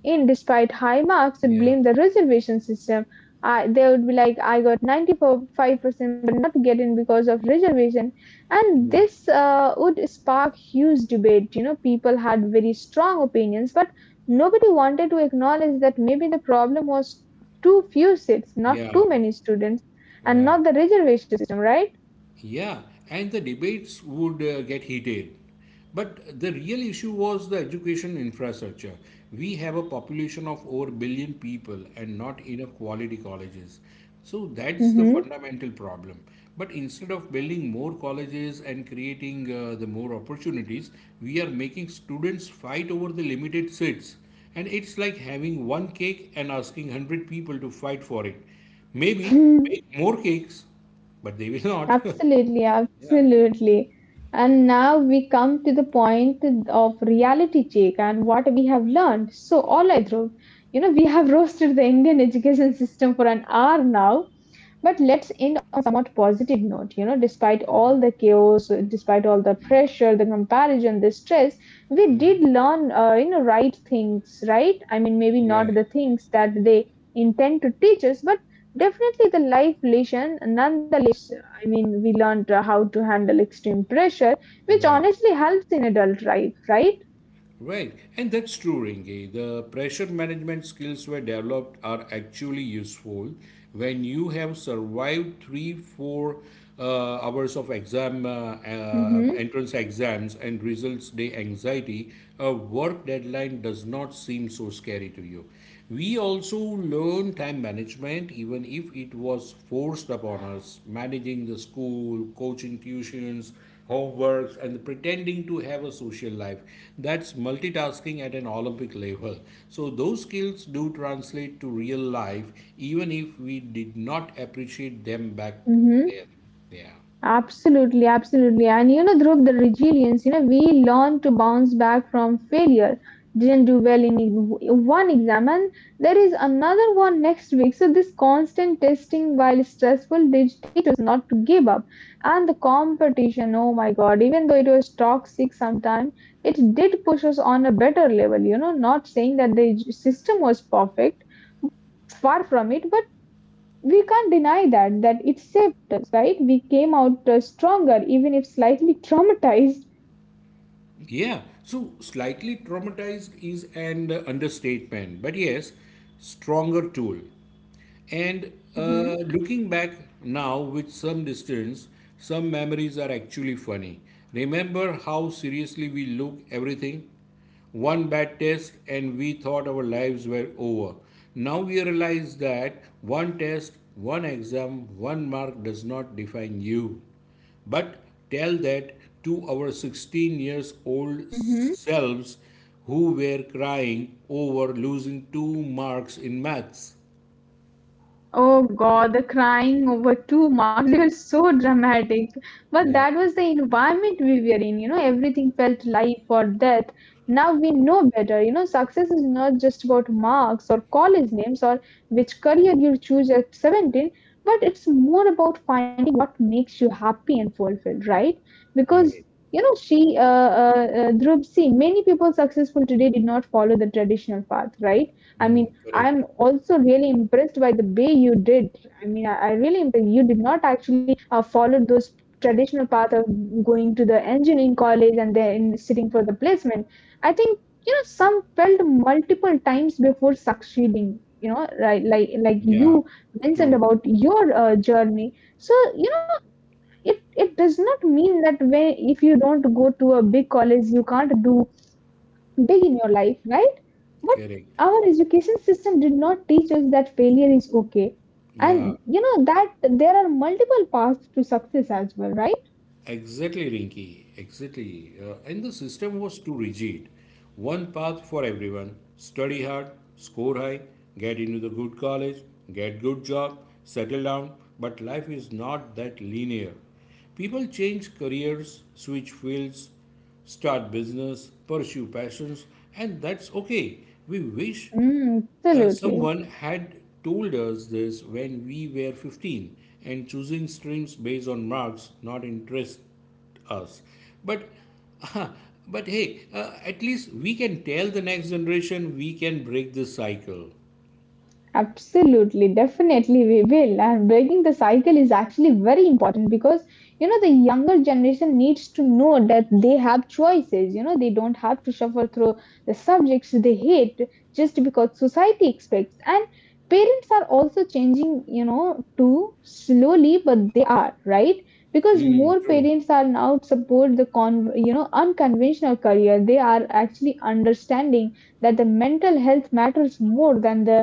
in despite high marks would Yeah, blame the reservation system. I they would be like, I got 95%, but not get in because of reservation. And yeah, this would spark huge debate. You know, people had very strong opinions, but nobody wanted to acknowledge that maybe the problem was too few seats, not yeah, too many students, and yeah. not the reservation system, right? Yeah, and the debates would get heated. But the real issue was the education infrastructure. We have a population of over a billion people and not enough quality colleges. So that's the fundamental problem. But instead of building more colleges and creating the more opportunities, we are making students fight over the limited seats. And it's like having one cake and asking 100 people to fight for it. Maybe Mm-hmm. make more cakes, but they will not. Absolutely, absolutely. And now we come to the point of reality check and what we have learned. So, all right, Dhruv, you know, we have roasted the Indian education system for an hour now. But let's end on a somewhat positive note. You know, despite all the chaos, despite all the pressure, the comparison, the stress, we did learn, you know, right things, right? I mean, maybe not Right, the things that they intend to teach us, but definitely the life lesson. Nonetheless, I mean, we learned how to handle extreme pressure, which right, honestly helps in adult life, right? right. And that's true, Ringy. The pressure management skills were developed are actually useful when you have survived three, four hours of exam, Mm-hmm. entrance exams, and results day anxiety. A work deadline does not seem so scary to you. We also learn time management, even if it was forced upon us, managing the school, coaching tuitions, homeworks, and pretending to have a social life. That's multitasking at an olympic level, so those skills do translate to real life, even if we did not appreciate them back Mm-hmm. then. Yeah, Absolutely, absolutely. And you know, Dhruv, the resilience, you know, we learn to bounce back from failure. Didn't do well in one exam, and there is another one next week. So, this constant testing while stressful did teach us not to give up. And the competition, oh my God, even though it was toxic sometimes, it did push us on a better level. You know, not saying that the system was perfect, far from it, but we can't deny that it saved, right? We came out stronger, even if slightly traumatized. yeah, so slightly traumatized is an understatement, but yes, stronger tool. And looking back now with some distance, some memories are actually funny. Remember how seriously we look everything? One bad test and we thought our lives were over. Now we realize that one test, one exam, one mark does not define you. But tell that to our 16 years old Mm-hmm. selves who were crying over losing two marks in maths. Oh God, the crying over two marks, they were so dramatic. But that was the environment we were in, you know, everything felt life or death. Now we know better, you know, success is not just about marks or college names or which career you choose at 17, but it's more about finding what makes you happy and fulfilled, right? Right. Because, you know, Dhruv, see, many people successful today did not follow the traditional path, right? I mean, Mm, correct. I'm also really impressed by the way you did. I mean, I really impressed. You did not actually follow those traditional path of going to the engineering college and then sitting for the placement. I think you know some failed multiple times before succeeding. You know, right? Like you Yeah, mentioned true. about your journey. So you know, it does not mean that when if you don't go to a big college, you can't do big in your life, right? But Correct. our education system did not teach us that failure is okay. And Yeah, you know that there are multiple paths to success as well, right? exactly, Rinky. Exactly. And the system was too rigid. One path for everyone. Study hard, score high, get into the good college, get good job, settle down. But life is not that linear. People change careers, switch fields, start business, pursue passions, and that's okay. We wish Mm, absolutely. someone had told us this when we were 15, and choosing streams based on marks not interest us. But, but hey, at least we can tell the next generation we can break this cycle. Absolutely, definitely we will. And breaking the cycle is actually very important because you know the younger generation needs to know that they have choices. You know, they don't have to suffer through the subjects they hate just because society expects. And parents are also changing, you know, too slowly, but right? Because Mm, more true. parents are now support the con you know unconventional career. They are actually understanding that the mental health matters more than the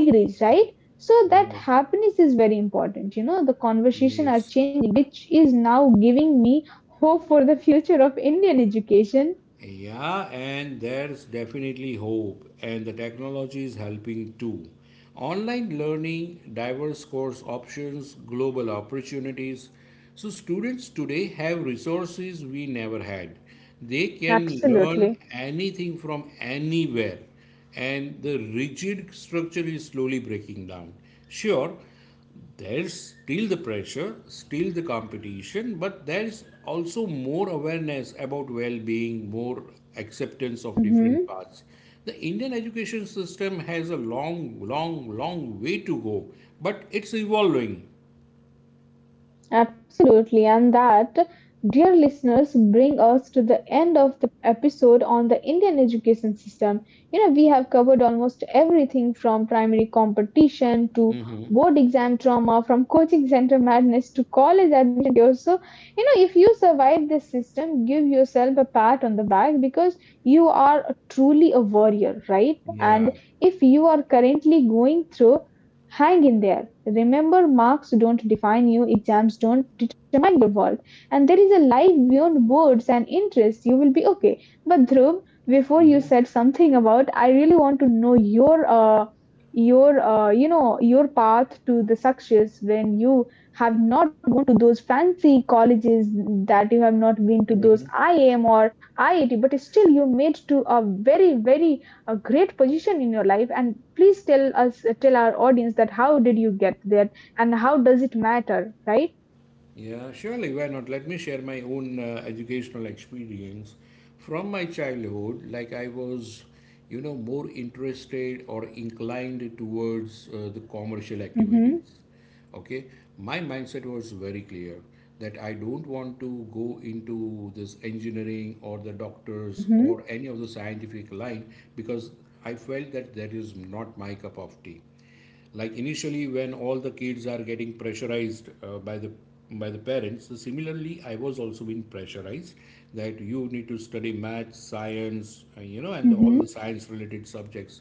degrees, right? So that Right. happiness is very important. You know, the conversation are Yes. changing, which is now giving me hope for the future of Indian education. Yeah, and there's definitely hope, and the technology is helping too. Online learning, diverse course options, global opportunities. So, students today have resources we never had. They can learn Absolutely. anything from anywhere, and the rigid structure is slowly breaking down. Sure, there's still the pressure, still the competition, but there's also more awareness about well being, more acceptance of Mhm. different paths. The Indian education system has a long, long, long way to go, but it's evolving. Absolutely, and that, dear listeners, bring us to the end of the episode on the Indian education system. You know, we have covered almost everything from primary competition to Hmm. board exam trauma, from coaching center madness to college admission chaos. So, you know, if you survive this system, give yourself a pat on the back because you are truly a warrior, right? And Yeah. if you are currently going through, hang in there. Remember marks don't define you, exams don't determine your world. And there is a life beyond words and interests. You will be okay. But Dhruv, before you said Hmm. something about, I really want to know your, you know, your path to the success when you have not gone to those fancy colleges, that you have not been to those IIM or IIT, but still you made to a very, very a great position in your life, and please tell us tell our audience that how did you get there and how does it matter, right? Yeah, surely, why not? Let me share my own educational experience from my childhood. Like, I was, you know, more interested or inclined towards the commercial activities. Mm-hmm. Okay, my mindset was very clear that I don't want to go into this engineering or the doctors or Mm-hmm. any of the scientific line because I felt that that is not my cup of tea. Like initially when all the kids are getting pressurized by the parents, so similarly I was also being pressurized that you need to study math, science, you know, and all the Mm-hmm. science related subjects.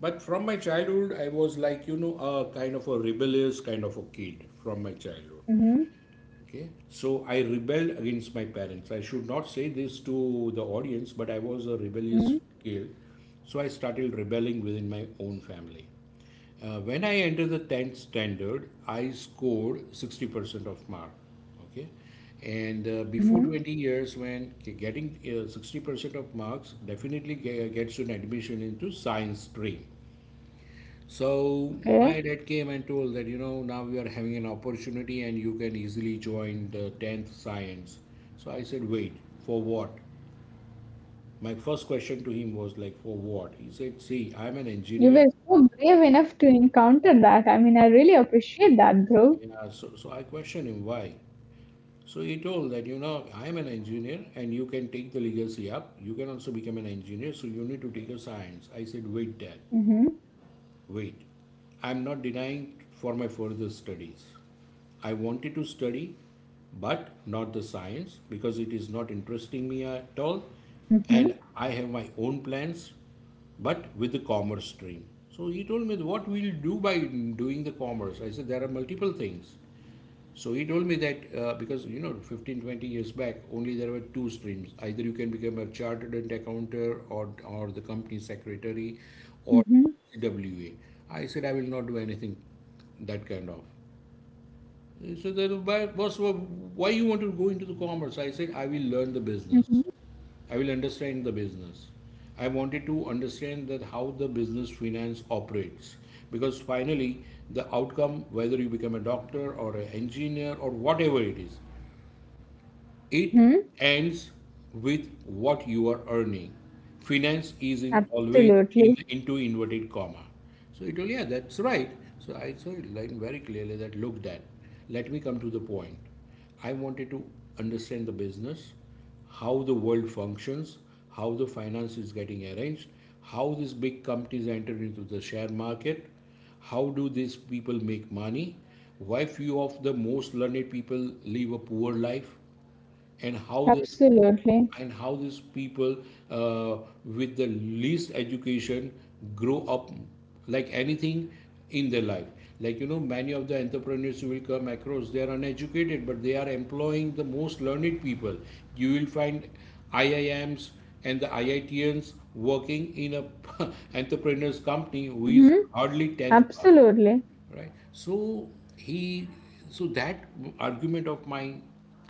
But from my childhood I was, like you know, a kind of a rebellious kind of a kid from my childhood. Mm-hmm. Okay, so I rebelled against my parents. I should not say this to the audience, but I was a rebellious Mm-hmm. kid. So I started rebelling within my own family. When I entered the 10th standard, I scored 60% of mark. Okay, and before 20 Mm-hmm. years, when getting 60% of marks definitely gets you an admission into science stream. So my Okay. dad came and told that, you know, now we are having an opportunity and you can easily join the 10th science. So I said, wait, for what? My first question to him was like, for what? He said, see, I'm an engineer. You were so brave enough to encounter that, I mean, I really appreciate that bro. Yeah, so I questioned him why. So he told that, you know, I am an engineer and you can take the legacy up. You can also become an engineer, so you need to take a science. I said, wait, dad. Mm-hmm. Wait, I'm not denying for my further studies. I wanted to study, but not the science because it is not interesting me at all, and Mm-hmm. I have my own plans, but with the commerce stream. So he told me what we'll do by doing the commerce. I said there are multiple things. So he told me that because you know 15 20 years back only there were two streams, either you can become a chartered accountant or the company secretary or Mm-hmm. CWA. I said I will not do anything that kind of. He said, boss, why you want to go into the commerce? I said, I will learn the business. Mm-hmm. I will understand the business. I wanted to understand that how the business finance operates. Because finally, the outcome, whether you become a doctor or an engineer or whatever it is, it Mm-hmm. ends with what you are earning. Finance is in always in Absolutely. into inverted comma. So he told, yeah, that's right. So I saw it line very clearly that look that. Let me come to the point. I wanted to understand the business, how the world functions, how the finance is getting arranged, how these big companies enter into the share market, how do these people make money, why few of the most learned people live a poor life, and how this Absolutely. and how these people uh, with the least education grow up like anything in their life. Like you know many of the entrepreneurs you will come across, they are uneducated but they are employing the most learned people. You will find IIMs and the IITns working in a entrepreneurs company who is Mm-hmm. hardly 10th pass, Absolutely. right? So he, so that argument of mine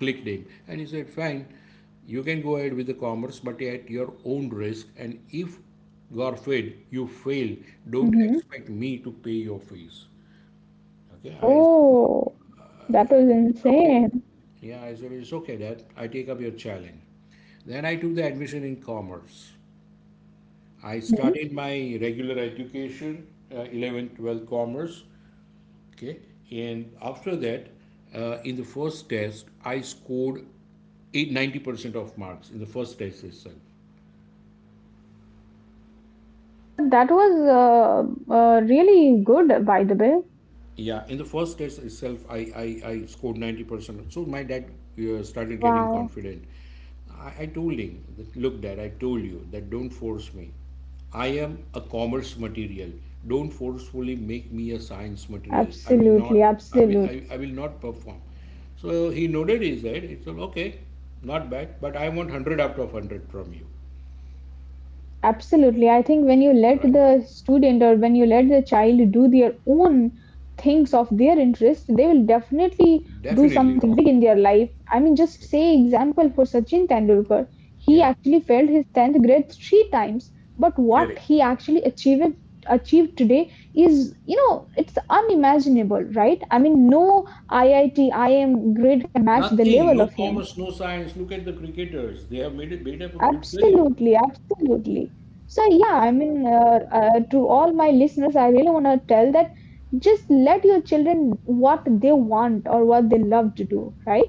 clicked him and he said fine, you can go ahead with the commerce but at your own risk, and if god forbid you fail, don't Mm-hmm. expect me to pay your fees. Okay, I Oh, that said was it's okay. insane. Yeah, I said it's okay, dad, I take up your challenge. Then I took the admission in commerce. I Mm-hmm. started my regular education, 11th 12th commerce. Okay, and after that, in the first test I scored 90% of marks in the first test itself. But that was really good, by the way. Yeah, in the first test itself, I scored 90%. So my dad started getting Wow. confident. I told him, that, look, dad, I told you that don't force me. I am a commerce material. Don't forcefully make me a science material. I will Absolutely, not, I will, absolutely. I will not perform. So he nodded his head. He said, okay, not bad, but I want 100 out of 100 from you. Absolutely. I think when you All let right? the student or when you let the child do their own things of their interest, they will definitely do Definitely something rock. big in their life. I mean, just say example for Sachin Tendulkar. He Yeah. actually failed his 10th grade three times, but what Correct. he actually achieved today is, you know, it's unimaginable, right? I mean, no IIT, IM grade can match the Nothing, level no of him. commerce, no science. Look at the cricketers. They have made it, made up a good career. Absolutely, absolutely. So yeah, I mean, to all my listeners, I really want to tell that just let your children what they want or what they love to do, right?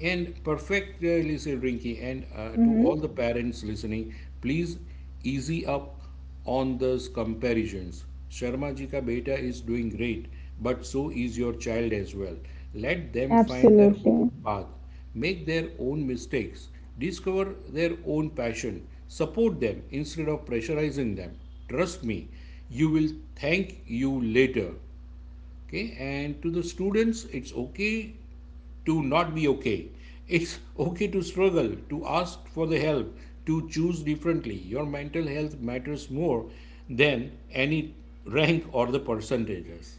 And perfectly said Rinky, and to all Mm-hmm. the parents listening, please easy up on those comparisons. Sharma ji ka beta is doing great, but so is your child as well. Let them find their Absolutely. own path, make their own mistakes, discover their own passion, support them instead of pressurizing them. Trust me, you will thank you later. Okay, and to the students, it's okay to not be okay. It's okay to struggle, to ask for the help, to choose differently. Your mental health matters more than any rank or the percentages.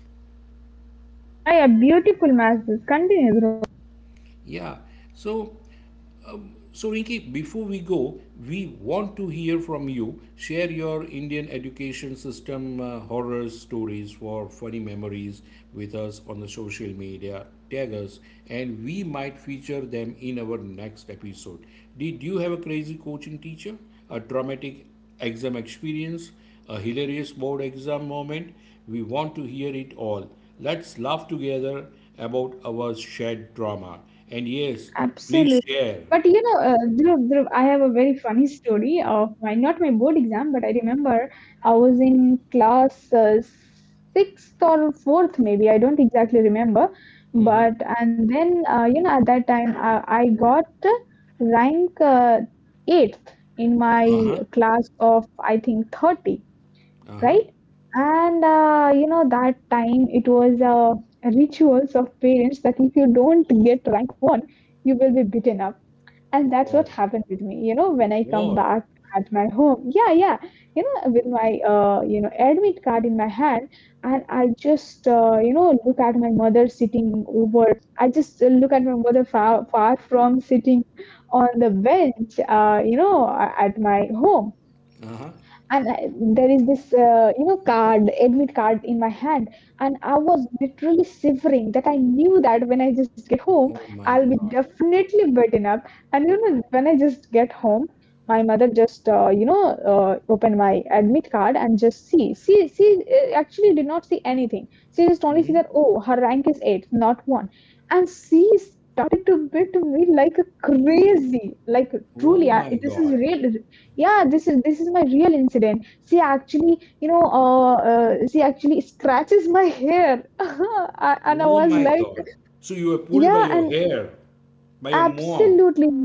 Yeah, yeah, beautiful messages. Continue. Dhruv. Yeah, so, so, Rinki, before we go, we want to hear from you. Share your Indian education system horror stories for funny memories with us on the social media. Tag us, and we might feature them in our next episode. Did you have a crazy coaching teacher, a traumatic exam experience, a hilarious board exam moment? We want to hear it all. Let's laugh together about our shared drama. And yes, please Absolutely. share. But you know, Dhruv, I have a very funny story of my, not my board exam, but I remember I was in class sixth or fourth, maybe. I don't exactly remember. Mm-hmm. But, and then, you know, at that time, I got rank eighth in my Uh-huh. class of, I think, 30, Uh-huh. right? And, you know, that time it was a rituals of parents that if you don't get you will be beaten up. And that's Oh. what happened with me. You know, when I come Whoa. back at my home, yeah, yeah, you know, with my, you know, admit card in my hand, and I just, you know, look at my mother sitting over. I just look at my mother far, far from sitting on the bench, you know, at my home, Uh-huh. and I, there is this you know card admit card in my hand, and I was literally shivering that I knew that when I just get Oh home my I'll be God. definitely beaten up. And you know when I just get home, my mother just you know opened my admit card and just see she actually did not see anything. She just only see Mm-hmm. that, oh, her rank is 8 not 1, and she started to beat me like a crazy, like Oh truly. I, my this is God. real. Yeah, this is my real incident. She actually, you know, she actually scratches my hair, and I Oh was my like, God. So you were pulled by yeah, your and hair, by your mom. absolutely.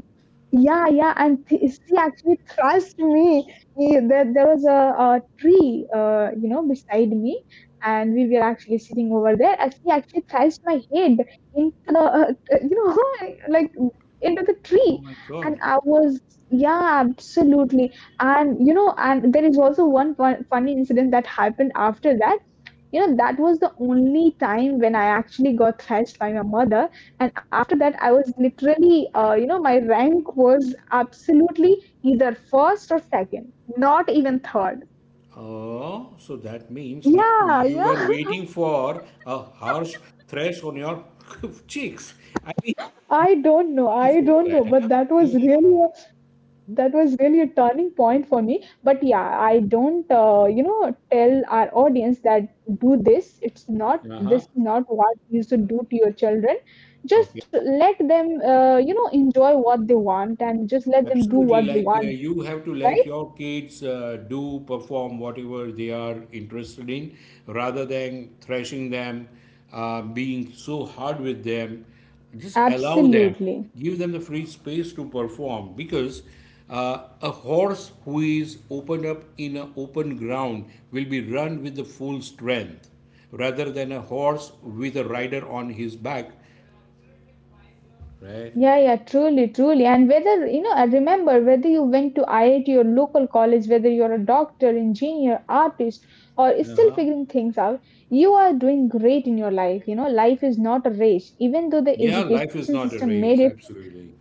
Yeah, yeah, and she actually thrust me. Yeah, there was a tree, you know, beside me, and we were actually sitting over there. And she actually thrust my head into the, you know, like into the Oh tree. my God. And I was, yeah, absolutely. And you know, and there is also one funny incident that happened after that. You know, that was the only time when I actually got thrashed by my mother, and after that I was literally you know my rank was absolutely either first or second, not even third. Oh, so that means really Yeah, you yeah. were waiting for a harsh threats on your cheeks. I mean, i don't know i for don't know that. but Huh? that was really a, that was really a turning point for me. But yeah, I don't you know tell our audience that do this. It's not, this Uh is not what you should do to your children. huh. Just let them you know enjoy what they want, and just let them do Absolutely. what they Like want, you have to let right? your kids do perform whatever they are interested in rather than thrashing them, being so hard with them. Just allow them, Absolutely. give them the free space to perform because a horse who is opened up in an open ground will be run with the full strength rather than a horse with a rider on his back, right? Yeah, yeah, truly, truly. And whether, you know, I remember whether you went to IIT or local college, whether you're a doctor, engineer, artist, or still Uh-huh. figuring things out, you are doing great in your life. You know, life is not a race, even though the Yeah, life education is not system a made it. race, absolutely.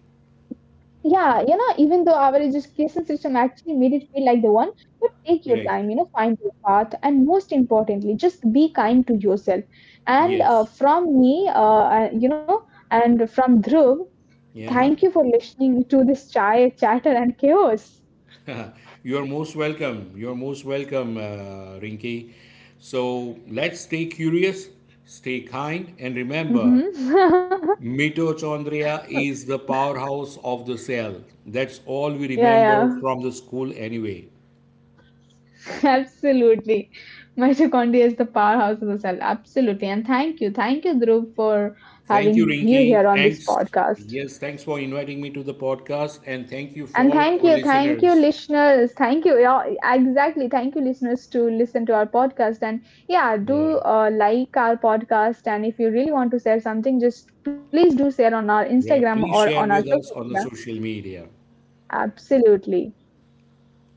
Yeah, you know, even though our education system actually made it feel like the one, but take your Correct. time, you know, find your path. And most importantly, just be kind to yourself. And Yes. from me, you know, and from Dhruv, Yeah. thank you for listening to this chai chatter and chaos. You are most welcome. You are most welcome, Rinki. So let's stay curious, stay kind, and Mhm. remember, mitochondria is the powerhouse of the cell. That's all we Yeah, remember yeah, from the school anyway. absolutely. Mitochondria is the powerhouse of the cell. Absolutely, and thank you, Dhruv, for Thank having you, you here on Rinki. this Thanks. podcast. Yes, thanks for inviting me to the podcast, and thank you And for all our thank you, listeners. listeners. Thank you, yeah, exactly. Thank you, listeners, to listen to our podcast. And yeah, Yeah. do like our podcast. And if you really want to share something, just please do share on our Yeah, Instagram or please on our share with social us on media. the social media. Absolutely.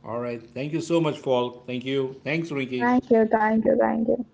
All right. Thank you so much, Paul. Thank you. Thanks, Ricky. Thank you, thank you, thank you.